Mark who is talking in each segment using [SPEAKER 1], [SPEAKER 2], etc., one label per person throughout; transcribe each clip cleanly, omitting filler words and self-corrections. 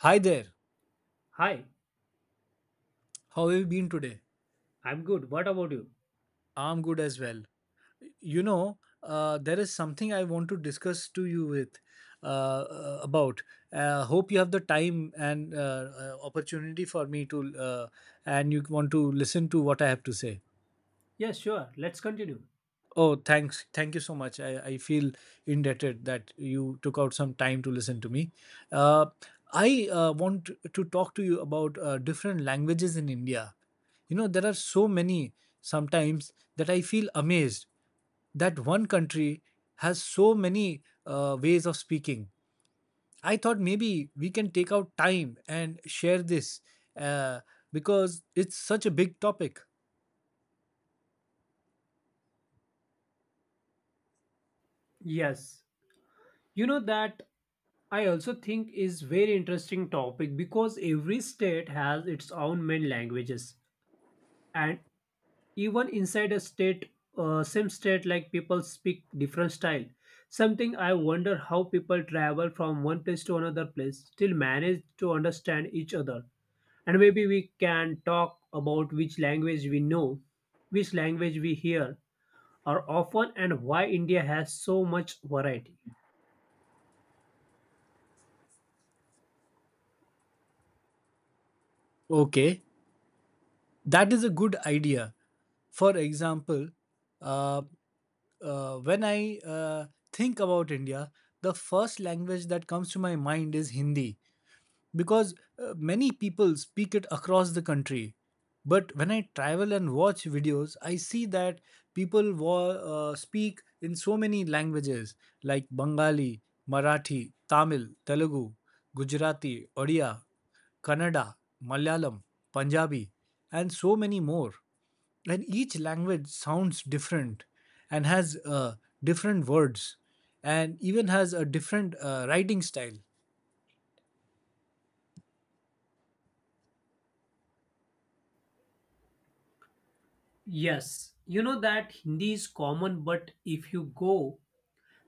[SPEAKER 1] Hi there.
[SPEAKER 2] Hi,
[SPEAKER 1] How have you been today?
[SPEAKER 2] I'm good. What about you?
[SPEAKER 1] I'm good as well. You know, there is something I want to discuss to you with about. Hope you have the time and opportunity for me to, and you want to listen to what I have to say.
[SPEAKER 2] Yes, sure. Let's continue.
[SPEAKER 1] Oh, thanks. Thank you so much. I feel indebted that you took out some time to listen to me. Uh, I want to talk to you about different languages in India. You know, there are so many sometimes that I feel amazed that one country has so many ways of speaking. I thought maybe we can take out time and share this, uh, because it's such a big topic.
[SPEAKER 2] Yes. You know that I also think is very interesting topic because every state has its own main languages, and even inside a state, same state like people speak different style. Something I wonder how people travel from one place to another place still manage to understand each other. And maybe we can talk about which language we know, which language we hear are often and why India has so much variety.
[SPEAKER 1] Okay. That is a good idea. For example, uh, when I think about India, the first language that comes to my mind is Hindi because many people speak it across the country. But when I travel and watch videos, I see that people speak in so many languages like Bengali, Marathi, Tamil, Telugu, Gujarati, Odia, Kannada, Malayalam, Punjabi, and so many more. And each language sounds different and has different words and even has a different writing style.
[SPEAKER 2] Yes, you know that Hindi is common, but if you go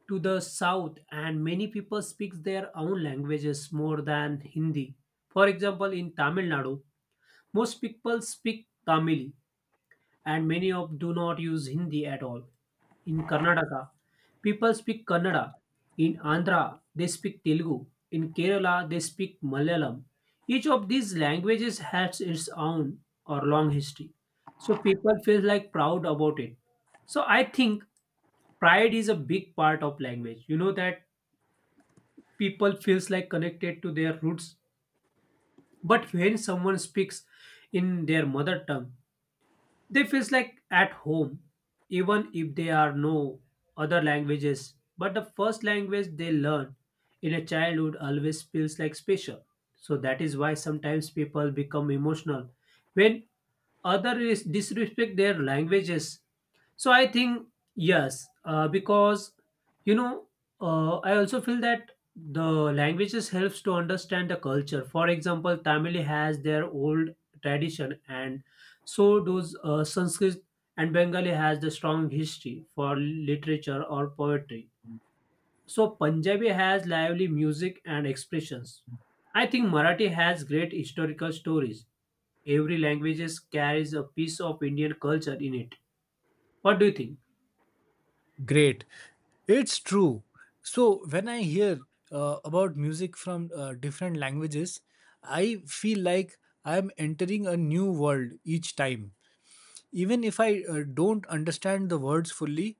[SPEAKER 2] to the south and many people speak their own languages more than Hindi. For example, in Tamil Nadu, most people speak Tamil, and many of do not use Hindi at all. In Karnataka, people speak Kannada. In Andhra, they speak Telugu. In Kerala, they speak Malayalam. Each of these languages has its own or long history. So people feel like proud about it. So I think pride is a big part of language. You know that people feels like connected to their roots. But when someone speaks in their mother tongue, they feels like at home, even if they are no other languages. But the first language they learn in a childhood always feels like special. So that is why sometimes people become emotional when others disrespect their languages. So I think, yes, because you know, I also feel that the languages helps to understand the culture. For example, Tamil has their old tradition and so those Sanskrit and Bengali has the strong history for literature or poetry. So Punjabi has lively music and expressions. I think Marathi has great historical stories. Every language carries a piece of Indian culture in it. What do you think?
[SPEAKER 1] Great. It's true. So when I hear about music from different languages, I feel like I am entering a new world each time, even if I don't understand the words fully,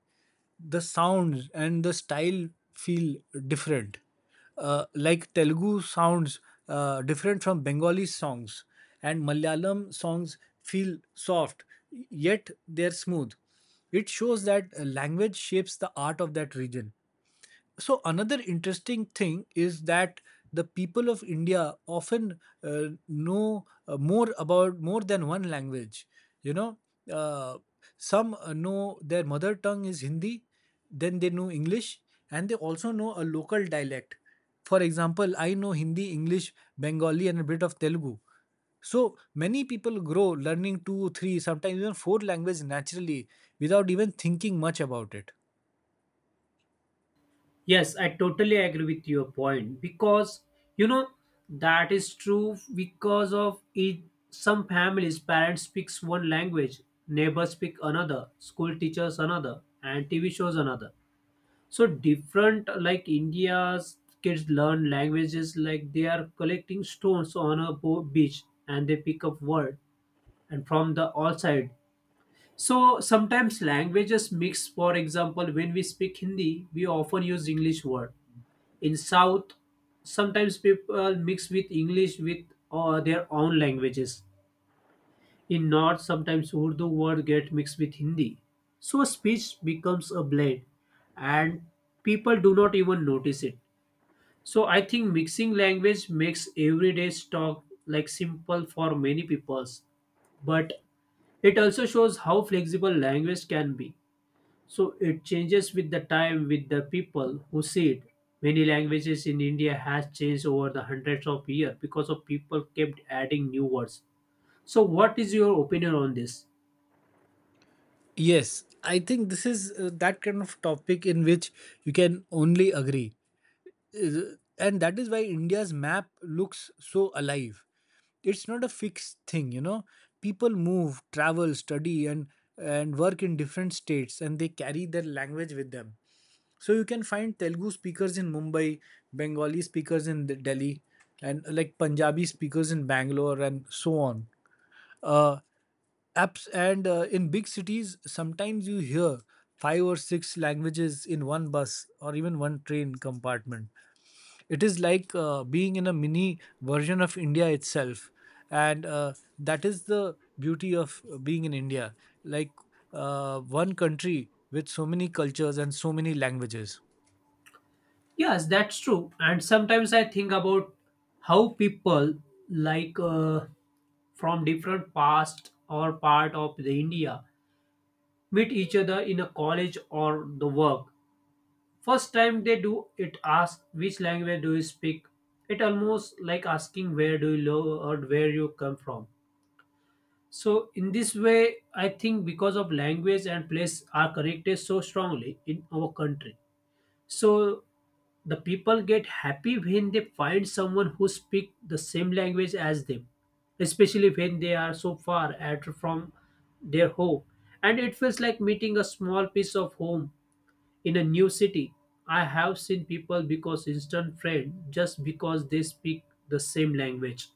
[SPEAKER 1] the sounds and the style feel different. Like Telugu sounds different from Bengali songs, and Malayalam songs feel soft, yet they're smooth. It shows that language shapes the art of that region. So another interesting thing is that the people of India often know more about more than one language. you know uh, some know their mother tongue is Hindi. Then they know English, and they also know a local dialect. For example, I know Hindi, English, Bengali, and a bit of Telugu. So many people grow learning two three sometimes even four languages naturally without even thinking much about it.
[SPEAKER 2] Yes, I totally agree with your point because you know that is true because of it. Some families, parents speaks one language, neighbors speak another, school teachers another, and TV shows another. So different, like India's kids learn languages like they are collecting stones on a beach and they pick up word and from the all side. So sometimes languages mix. For example, when we speak Hindi, we often use English word. In south, sometimes people mix with English with their own languages. In north, sometimes Urdu word get mixed with Hindi. So speech becomes a blend and people do not even notice it. So I think mixing language makes everyday talk like simple for many peoples, but it also shows how flexible language can be. So it changes with the time, with the people who see it. Many languages in India has changed over the hundreds of years because of people kept adding new words. So what is your opinion on this?
[SPEAKER 1] Yes, I think this is that kind of topic in which you can only agree. And that is why India's map looks so alive. It's not a fixed thing. People move, travel, study, and work in different states, and they carry their language with them. So you can find Telugu speakers in Mumbai, Bengali speakers in Delhi, and like Punjabi speakers in Bangalore and so on. Uh, Apps and in big cities, sometimes you hear five or six languages in one bus or even one train compartment. It is like being in a mini version of India itself. And that is the beauty of being in India, like one country with so many cultures and so many languages.
[SPEAKER 2] Yes, that's true. And sometimes I think about how people, like from different past or part of the India meet each other in a college or the work. First time they do it ask which language do you speak? It almost like asking where do you live or where you come from. So in this way, I think because of language and place are connected so strongly in our country. So the people get happy when they find someone who speak the same language as them, especially when they are so far at from their home. And it feels like meeting a small piece of home in a new city. I have seen people because instant friend just because they speak the same language.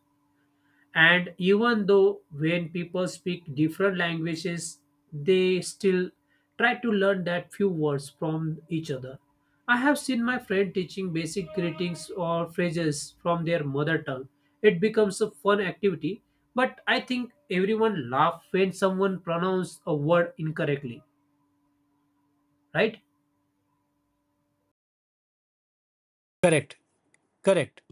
[SPEAKER 2] And even though when people speak different languages, they still try to learn that few words from each other. I have seen my friend teaching basic greetings or phrases from their mother tongue. It becomes a fun activity, but I think everyone laughs when someone pronounces a word incorrectly, right?
[SPEAKER 1] Correct. Correct.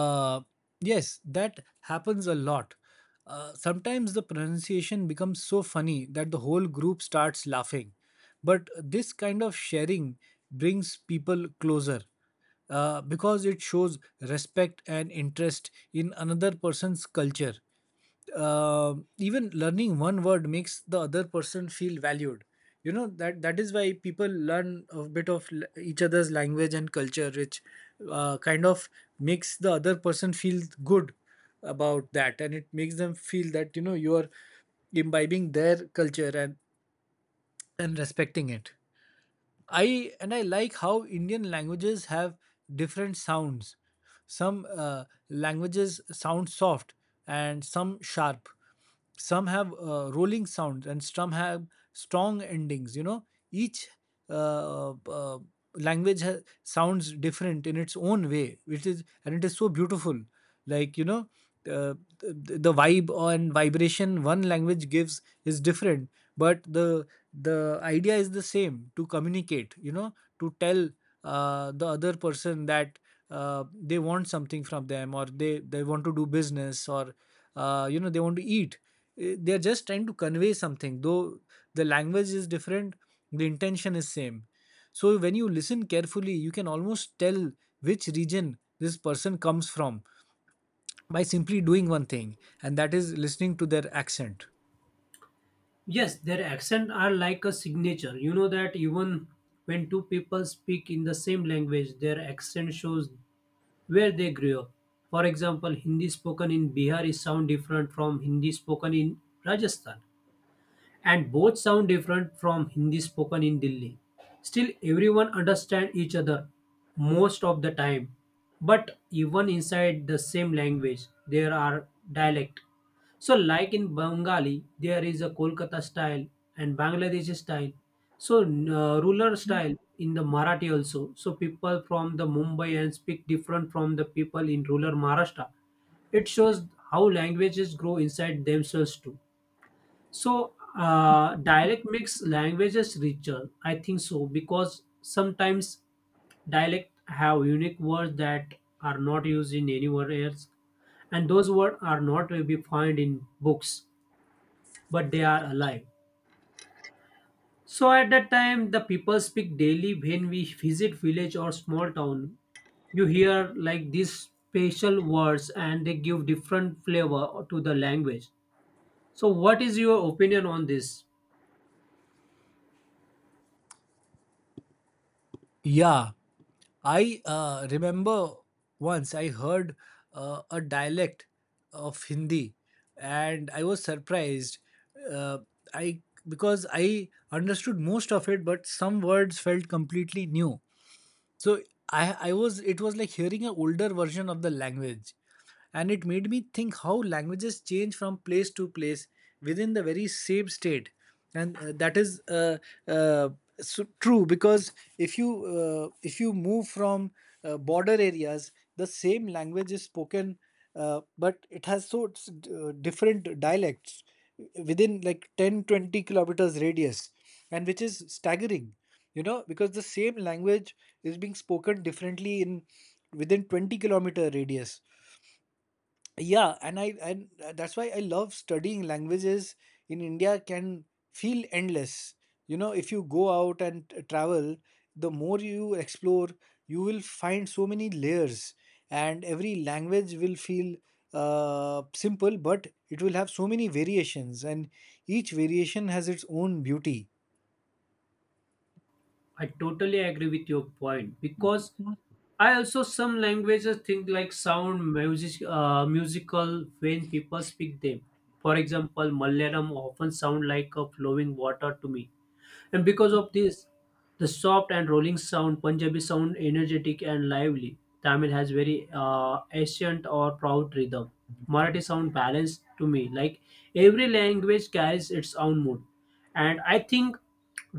[SPEAKER 1] Uh, yes, that happens a lot. Sometimes the pronunciation becomes so funny that the whole group starts laughing. But this kind of sharing brings people closer, because it shows respect and interest in another person's culture. Even learning one word makes the other person feel valued. That that is why people learn a bit of each other's language and culture, which kind of makes the other person feel good about that. And it makes them feel that you are imbibing their culture and respecting it. I and I like how Indian languages have different sounds. Some languages sound soft and some sharp. Some have rolling sounds and some have strong endings. You know, each uh, uh, language sounds different in its own way, which is, and it is so beautiful. Like the vibe and vibration one language gives is different, but the idea is the same to communicate, to tell the other person that they want something from them, or they want to do business, or they want to eat. They're just trying to convey something, though the language is different, the intention is same. So when you listen carefully, you can almost tell which region this person comes from by simply doing one thing, and that is listening to their accent.
[SPEAKER 2] Yes, their accent are like a signature. You know that even when two people speak in the same language, their accent shows where they grew up. For example, Hindi spoken in Bihar is sound different from Hindi spoken in Rajasthan, and both sound different from Hindi spoken in Delhi. Still, everyone understands each other most of the time. But even inside the same language, there are dialect. So, like in Bengali, there is a Kolkata style and Bangladeshi style. So, ruler style in the Marathi also. So, people from the Mumbai and speak different from the people in rural Maharashtra. It shows how languages grow inside themselves too. So, dialect makes languages richer. I think so because sometimes dialect have unique words that are not used in anywhere else, and those words are not to be found in books, but they are alive. So at that time, the people speak daily when we visit village or small town. You hear like these special words, and they give different flavor to the language. So, what is your opinion on this?
[SPEAKER 1] Yeah, I remember once I heard a dialect of Hindi, and I was surprised. Uh, I Because I understood most of it, but some words felt completely new. So I was it was like hearing an older version of the language, and it made me think how languages change from place to place within the very same state. And that is uh, so true, because if you if you move from border areas, the same language is spoken, but it has different dialects within like 10-20 kilometers radius, and which is staggering. You know, because the same language is being spoken differently in within 20-kilometer radius. Yeah, and I and that's why I love studying languages in India, can feel endless. You know, if you go out and travel, the more you explore, you will find so many layers. And every language will feel simple, but it will have so many variations, and each variation has its own beauty.
[SPEAKER 2] I totally agree with your point because I also some languages think like sound music, musical when people speak them. For example, Malayalam often sound like a flowing water to me. And because of this, the soft and rolling sound, Punjabi sound energetic and lively. Tamil has very ancient or proud rhythm. Marathi sound balanced to me. Like every language carries its own mood. And I think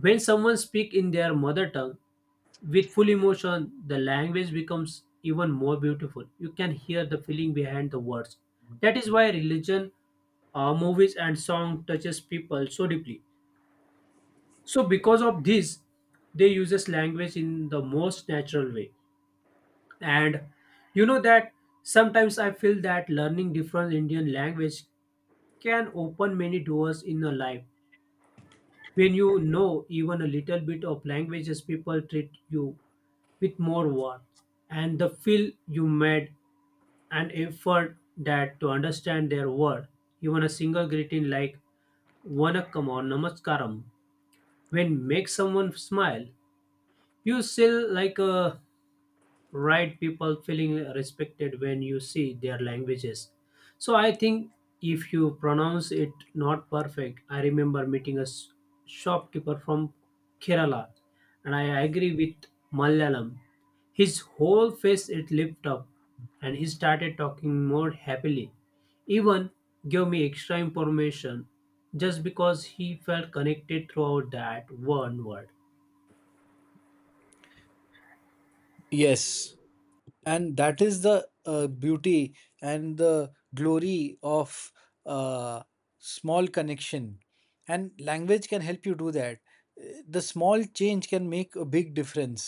[SPEAKER 2] when someone speak in their mother tongue with full emotion, the language becomes even more beautiful. You can hear the feeling behind the words. That is why religion, movies, and song touches people so deeply. So because of this, they uses language in the most natural way. And you know that sometimes I feel that learning different Indian language can open many doors in your life. When you know even a little bit of languages, people treat you with more warmth and the feel you made an effort that to understand their word. Even a single greeting like vanakkam or namaskaram when make someone smile. You still like right people feeling respected when you see their languages. So I think if you pronounce it not perfect, I remember meeting a shopkeeper from Kerala, and I agree with Malayalam. His whole face it lifted up, and he started talking more happily. Even gave me extra information just because he felt connected throughout that one word.
[SPEAKER 1] Yes, and that is the beauty and the glory of uh, small connection, and language can help you do that. Uh, the small change can make a big difference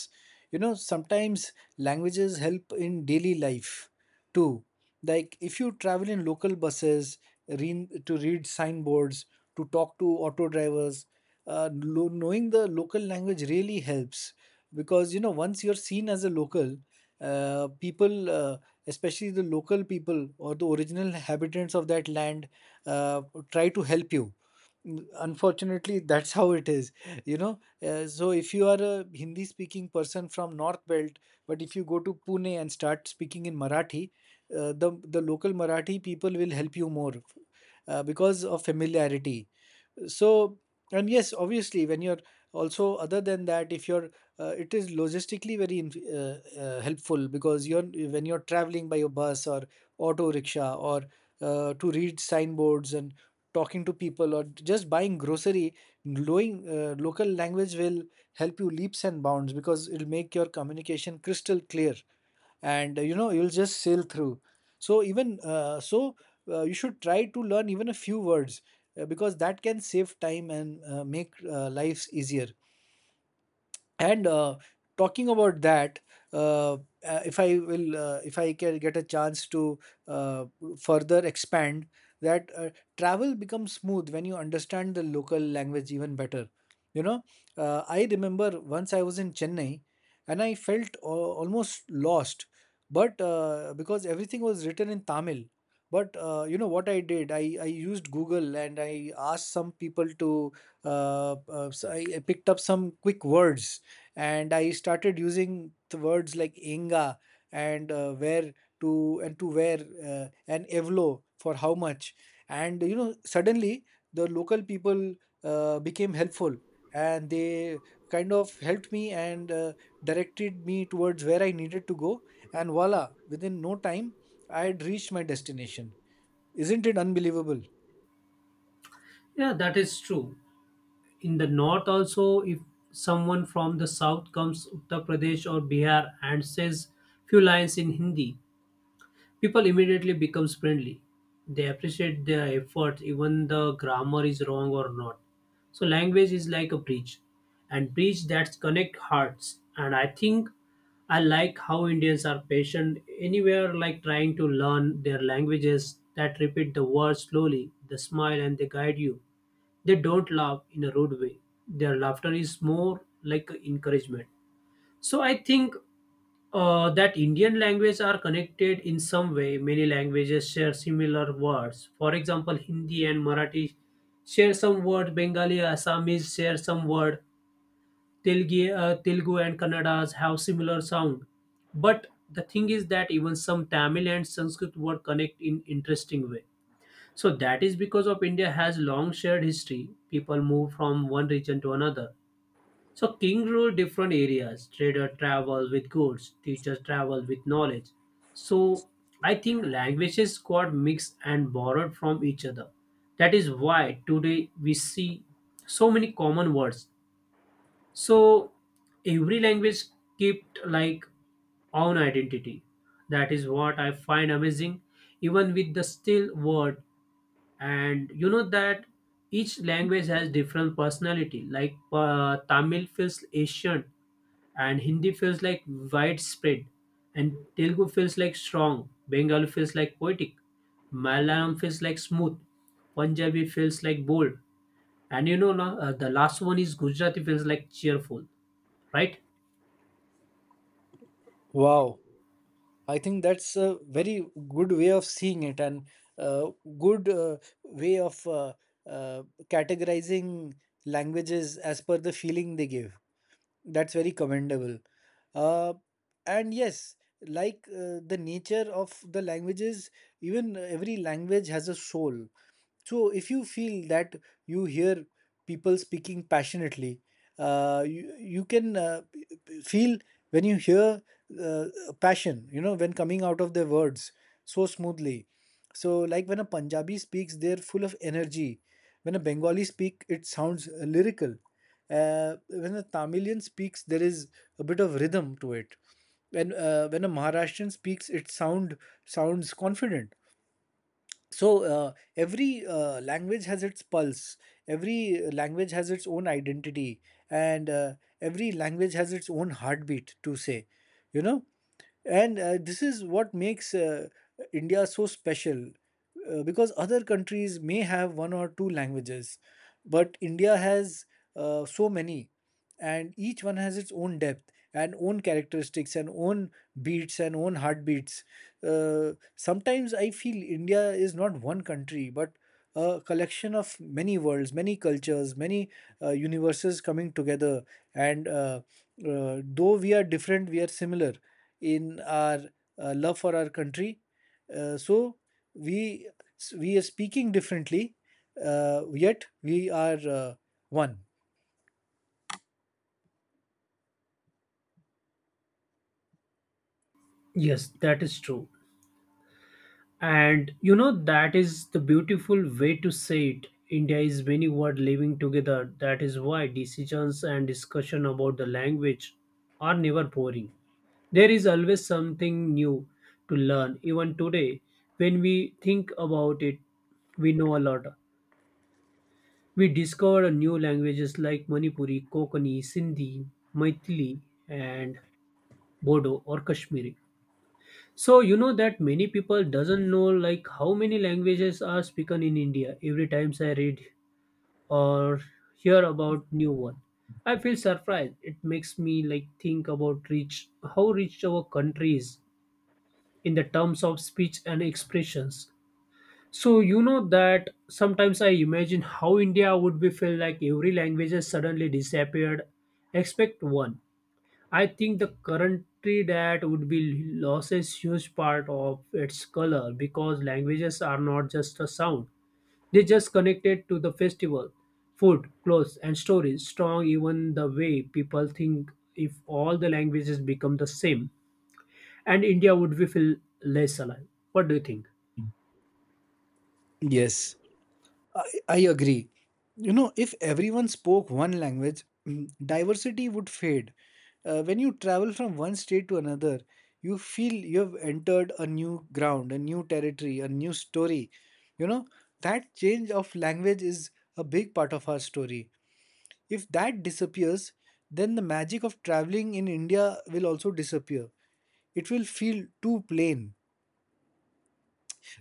[SPEAKER 1] you know Sometimes languages help in daily life too, like if you travel in local buses, to read signboards, to talk to auto drivers. uh, Knowing the local language really helps because once you're seen as a local, people, especially the local people or the original inhabitants of that land, uh, try to help you. Unfortunately, that's how it is, you know. So, if you are a Hindi speaking person from North Belt, but if you go to Pune and start speaking in Marathi, the local Marathi people will help you more because of familiarity. So, and yes, obviously, when you're, also other than that, if you're, it is logistically very helpful because you're when you're traveling by your bus or auto rickshaw or to read signboards and talking to people or just buying grocery, knowing local language will help you leaps and bounds because it'll make your communication crystal clear. And you'll just sail through. So you should try to learn even a few words because that can save time and make lives easier. And talking about that, uh, if I can get a chance to uh, further expand that, travel becomes smooth when you understand the local language even better, you know. I remember once I was in Chennai, and I felt almost lost, but because everything was written in Tamil. But you know what I did, I used Google and I asked some people to so I picked up some quick words, and I started using the words like "enga" and where to, and to where, and evlo for how much. And suddenly the local people became helpful, and they kind of helped me and directed me towards where I needed to go. And voila, within no time, I had reached my destination. Isn't it unbelievable?
[SPEAKER 2] Yeah, that is true. In the north also, if someone from the south comes Uttar Pradesh or Bihar and says few lines in Hindi, people immediately becomes friendly. They appreciate their effort even the grammar is wrong or not. So language is like a bridge, and bridge that connect hearts. And I think I like how Indians are patient anywhere, like trying to learn their languages. That repeat the words slowly, the smile and they guide you. They don't laugh in a rude way. Their laughter is more like encouragement. So I think that Indian languages are connected in some way. Many languages share similar words. For example, Hindi and Marathi share some word. Bengali, Assamese share some word. Telugu and Kannada have similar sound. But the thing is that even some Tamil and Sanskrit word connect in interesting way. So that is because of India has long shared history. People move from one region to another. So king ruled different areas. Trader traveled with goods, teachers traveled with knowledge. So I think languages got mixed and borrowed from each other. That is why today we see so many common words. So every language kept like own identity. That is what I find amazing. Even with the still word. And you know that each language has different personality, like Tamil feels asian, and Hindi feels like widespread, and Telugu feels like strong, Bengali feels like poetic, Malayalam feels like smooth, Punjabi feels like bold, and you know, the last one is Gujarati feels like cheerful, right?
[SPEAKER 1] Wow. I think that's a very good way of seeing it, and uh, good way of uh, categorizing languages as per the feeling they give. That's very commendable. Uh, and yes, like the nature of the languages, even every language has a soul. So if you feel that you hear people speaking passionately, you can. Feel when you hear uh, passion, when coming out of their words so smoothly. So like when a Punjabi speaks, they're full of energy. When a Bengali speak, it sounds lyrical. When a Tamilian speaks, there is a bit of rhythm to it. When a Maharashtrian speaks, it sounds confident. So every language has its pulse. Every language has its own identity, and every language has its own heartbeat to say you know and this is what makes India so special, because other countries may have one or two languages, but India has so many. And each one has its own depth and own characteristics and own beats and own heartbeats. Sometimes I feel India is not one country, but a collection of many worlds, many cultures, many universes coming together. And though we are different, we are similar in our love for our country. So we we are speaking differently, yet we are one.
[SPEAKER 2] Yes, that is true. And that is the beautiful way to say it. India is many world living together. That is why decisions and discussion about the language are never boring. There is always something new to learn. Even today, when we think about it, we know a lot. We discover new languages like Manipuri, Kokani, Sindhi, Maithili, and Bodo or Kashmiri. So you know that many people doesn't know like how many languages are spoken in India. Every times I read or hear about new one, I feel surprised. It makes me like think about rich how rich our country is in the terms of speech and expressions. So you know that sometimes I imagine how India would be feel like every language has suddenly disappeared, except one. I think the country that would be loses huge part of its color because languages are not just a sound. They just connected to the festival, food, clothes, and stories. Strong even the way people think if all the languages become the same. And India would be feel less alive. What do you think?
[SPEAKER 1] Yes. I, I agree. You know, if everyone spoke one language, mm, diversity would fade. When you travel from one state to another, you feel you have entered a new ground, a new territory, a new story. You know, that change of language is a big part of our story. If that disappears, then the magic of traveling in India will also disappear. It will feel too plain,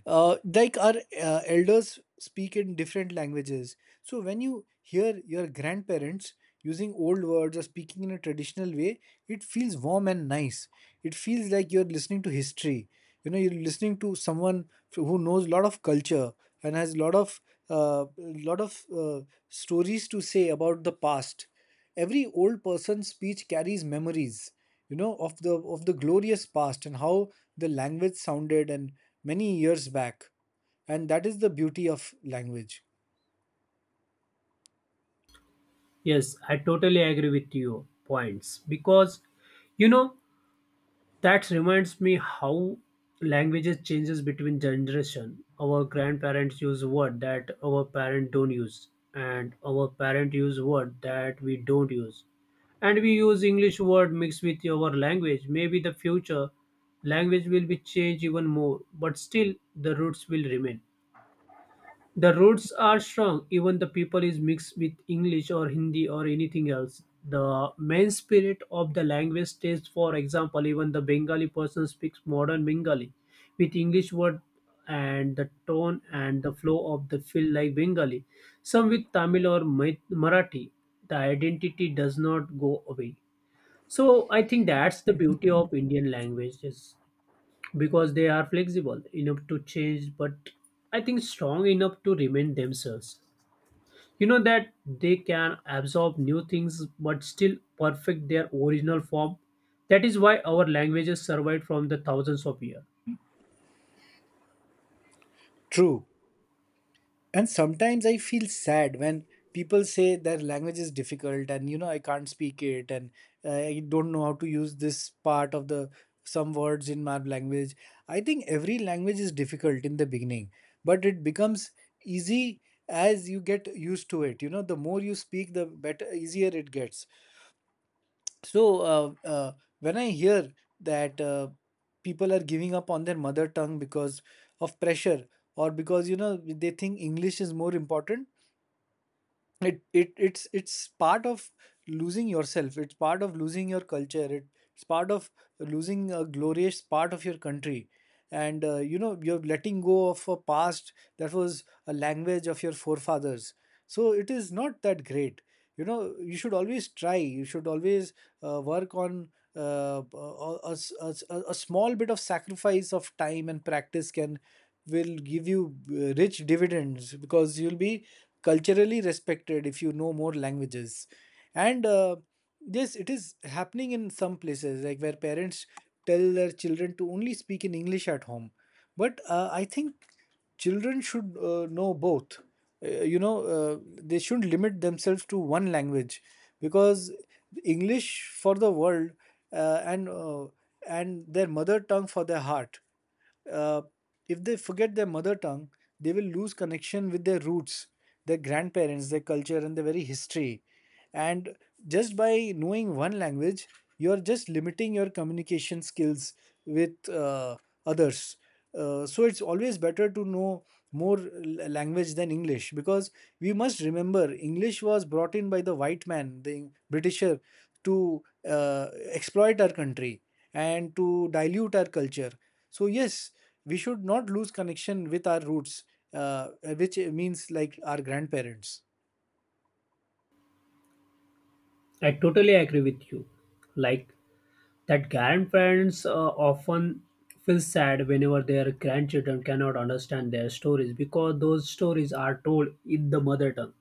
[SPEAKER 1] like our elders speak in different languages. So when you hear your grandparents using old words or speaking in a traditional way, it feels warm and nice. It feels like you're listening to history. You know, you're listening to someone who knows a lot of culture and has a lot of uh, lot of uh, stories to say about the past. Every old person's speech carries memories, you know, of the glorious past, and how the language sounded and many years back. And that is the beauty of language.
[SPEAKER 2] Yes, I totally agree with your points because you know that reminds me how languages changes between generation. Our grandparents use word that our parent don't use, and our parent use word that we don't use. And we use English word mixed with our language. Maybe the future language will be changed even more, but still the roots will remain. The roots are strong, even the people is mixed with English or Hindi or anything else. The main spirit of the language stays, for example, even the Bengali person speaks modern Bengali with English word, and the tone and the flow of the feel like Bengali. Some with Tamil or Marathi, the identity does not go away. So I think that's the beauty of Indian languages because they are flexible enough to change, but I think strong enough to remain themselves. You know that they can absorb new things but still perfect their original form. That is why our languages survived from the thousands of years.
[SPEAKER 1] True. And sometimes I feel sad when people say their language is difficult and you know I can't speak it, and I don't know how to use this part of the, some words in my language. I think every language is difficult in the beginning, but it becomes easy as you get used to it. You know, the more you speak, the better easier it gets. So uh, uh, when I hear that people are giving up on their mother tongue because of pressure, or because you know they think English is more important, it's part of losing yourself. It's part of losing your culture. It's part of losing a glorious part of your country. And you know, you're letting go of a past that was a language of your forefathers. So it is not that great. You know, you should always try, you should always work on a small bit of sacrifice of time and practice can will give you rich dividends, because you'll be culturally respected if you know more languages. And yes, it is happening in some places, like where parents tell their children to only speak in English at home. But I think children should know both. Uh, you know uh, they shouldn't limit themselves to one language, because English for the world, uh, and uh, and their mother tongue for their heart. uh, if they forget their mother tongue, they will lose connection with their roots, their grandparents, their culture, and their very history. And just by knowing one language, you are just limiting your communication skills with others. So it's always better to know language than English, because we must remember English was brought in by the white man, the Britisher, to exploit our country and to dilute our culture. So yes, we should not lose connection with our roots, uh, which means like our grandparents.
[SPEAKER 2] I totally agree with you. Like that grandparents often feel sad whenever their grandchildren cannot understand their stories because those stories are told in the mother tongue.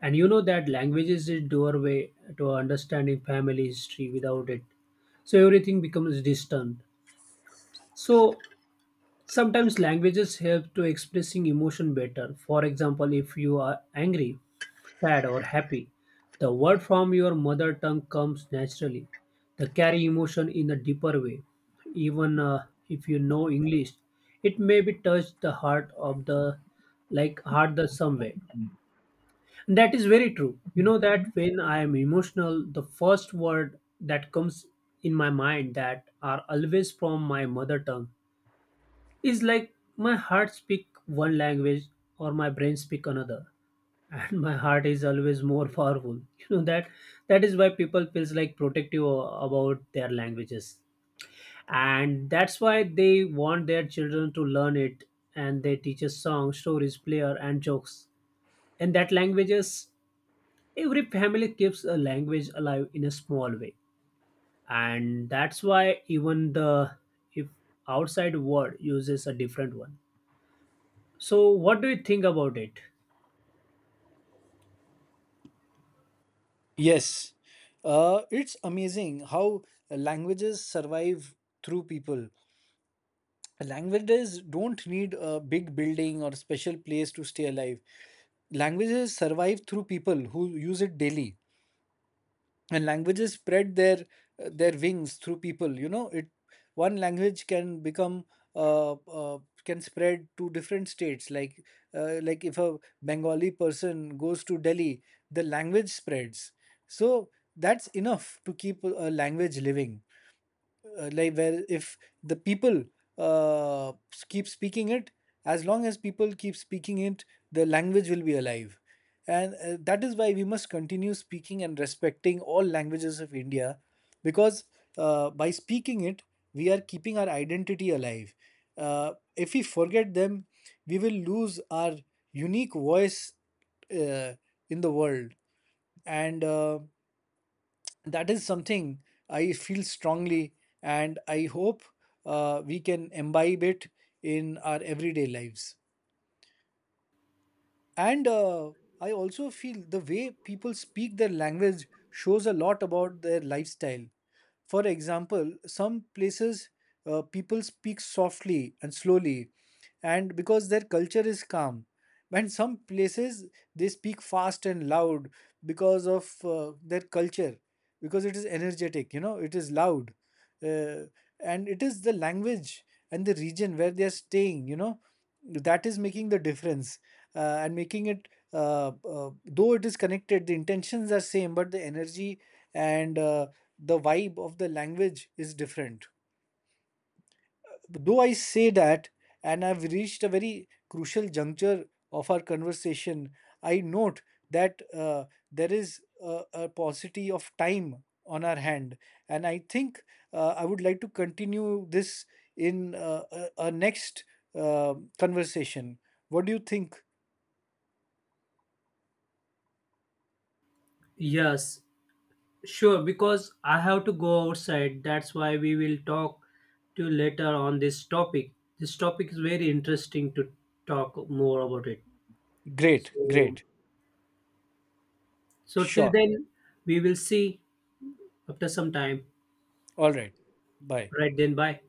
[SPEAKER 2] And you know that language is the doorway to understanding family history. Without it, so everything becomes distant. So sometimes languages help to expressing emotion better, for example, if you are angry, sad, or happy, the word from your mother tongue comes naturally. They carry emotion in a deeper way. Even if you know English, it may be touch the heart of the, like heart the some way. That is very true. You know that when I am emotional, the first word that comes in my mind that are always from my mother tongue is like my heart speak one language or my brain speak another and my heart is always more powerful you know that that is why people feels like protective about their languages. And that's why they want their children to learn it, and they teach us songs, stories, player, and jokes in that languages. Every family keeps a language alive in a small way, and that's why even the if outside world uses a different one. So, what do you think about it?
[SPEAKER 1] Yes, it's amazing how languages survive through people. Languages don't need a big building or special place to stay alive. Languages survive through people who use it daily, and languages spread their wings through people. You know, it one language can become uh, uh, can spread to different states. Like if a Bengali person goes to Delhi, the language spreads. So that's enough to keep a language living, like where if the people uh, keep speaking it. As long as people keep speaking it, the language will be alive. And that is why we must continue speaking and respecting all languages of India, because by speaking it, we are keeping our identity alive. If we forget them, we will lose our unique voice uh, in the world. And That is something I feel strongly, and I hope we can imbibe it in our everyday lives. And I also feel the way people speak their language shows a lot about their lifestyle. For example, some places people speak softly and slowly, and because their culture is calm. And some places they speak fast and loud because of their culture, because it is energetic, you know, it is loud. Uh, and it is the language and the region where they are staying, you know, that is making the difference and making it though it is connected. The intentions are same, but the energy and the vibe of the language is different. Though I say that, and I've reached a very crucial juncture of our conversation, I note that there is a paucity of time on our hand. And I think I would like to continue this in a next conversation. What do you think?
[SPEAKER 2] Yes, sure. Because I have to go outside. That's why we will talk to later on this topic. This topic is very interesting to talk more about it.
[SPEAKER 1] Great,
[SPEAKER 2] So,
[SPEAKER 1] great.
[SPEAKER 2] so till
[SPEAKER 1] Sure.
[SPEAKER 2] then, we will see after some time.
[SPEAKER 1] All right. Bye.
[SPEAKER 2] Right then, bye.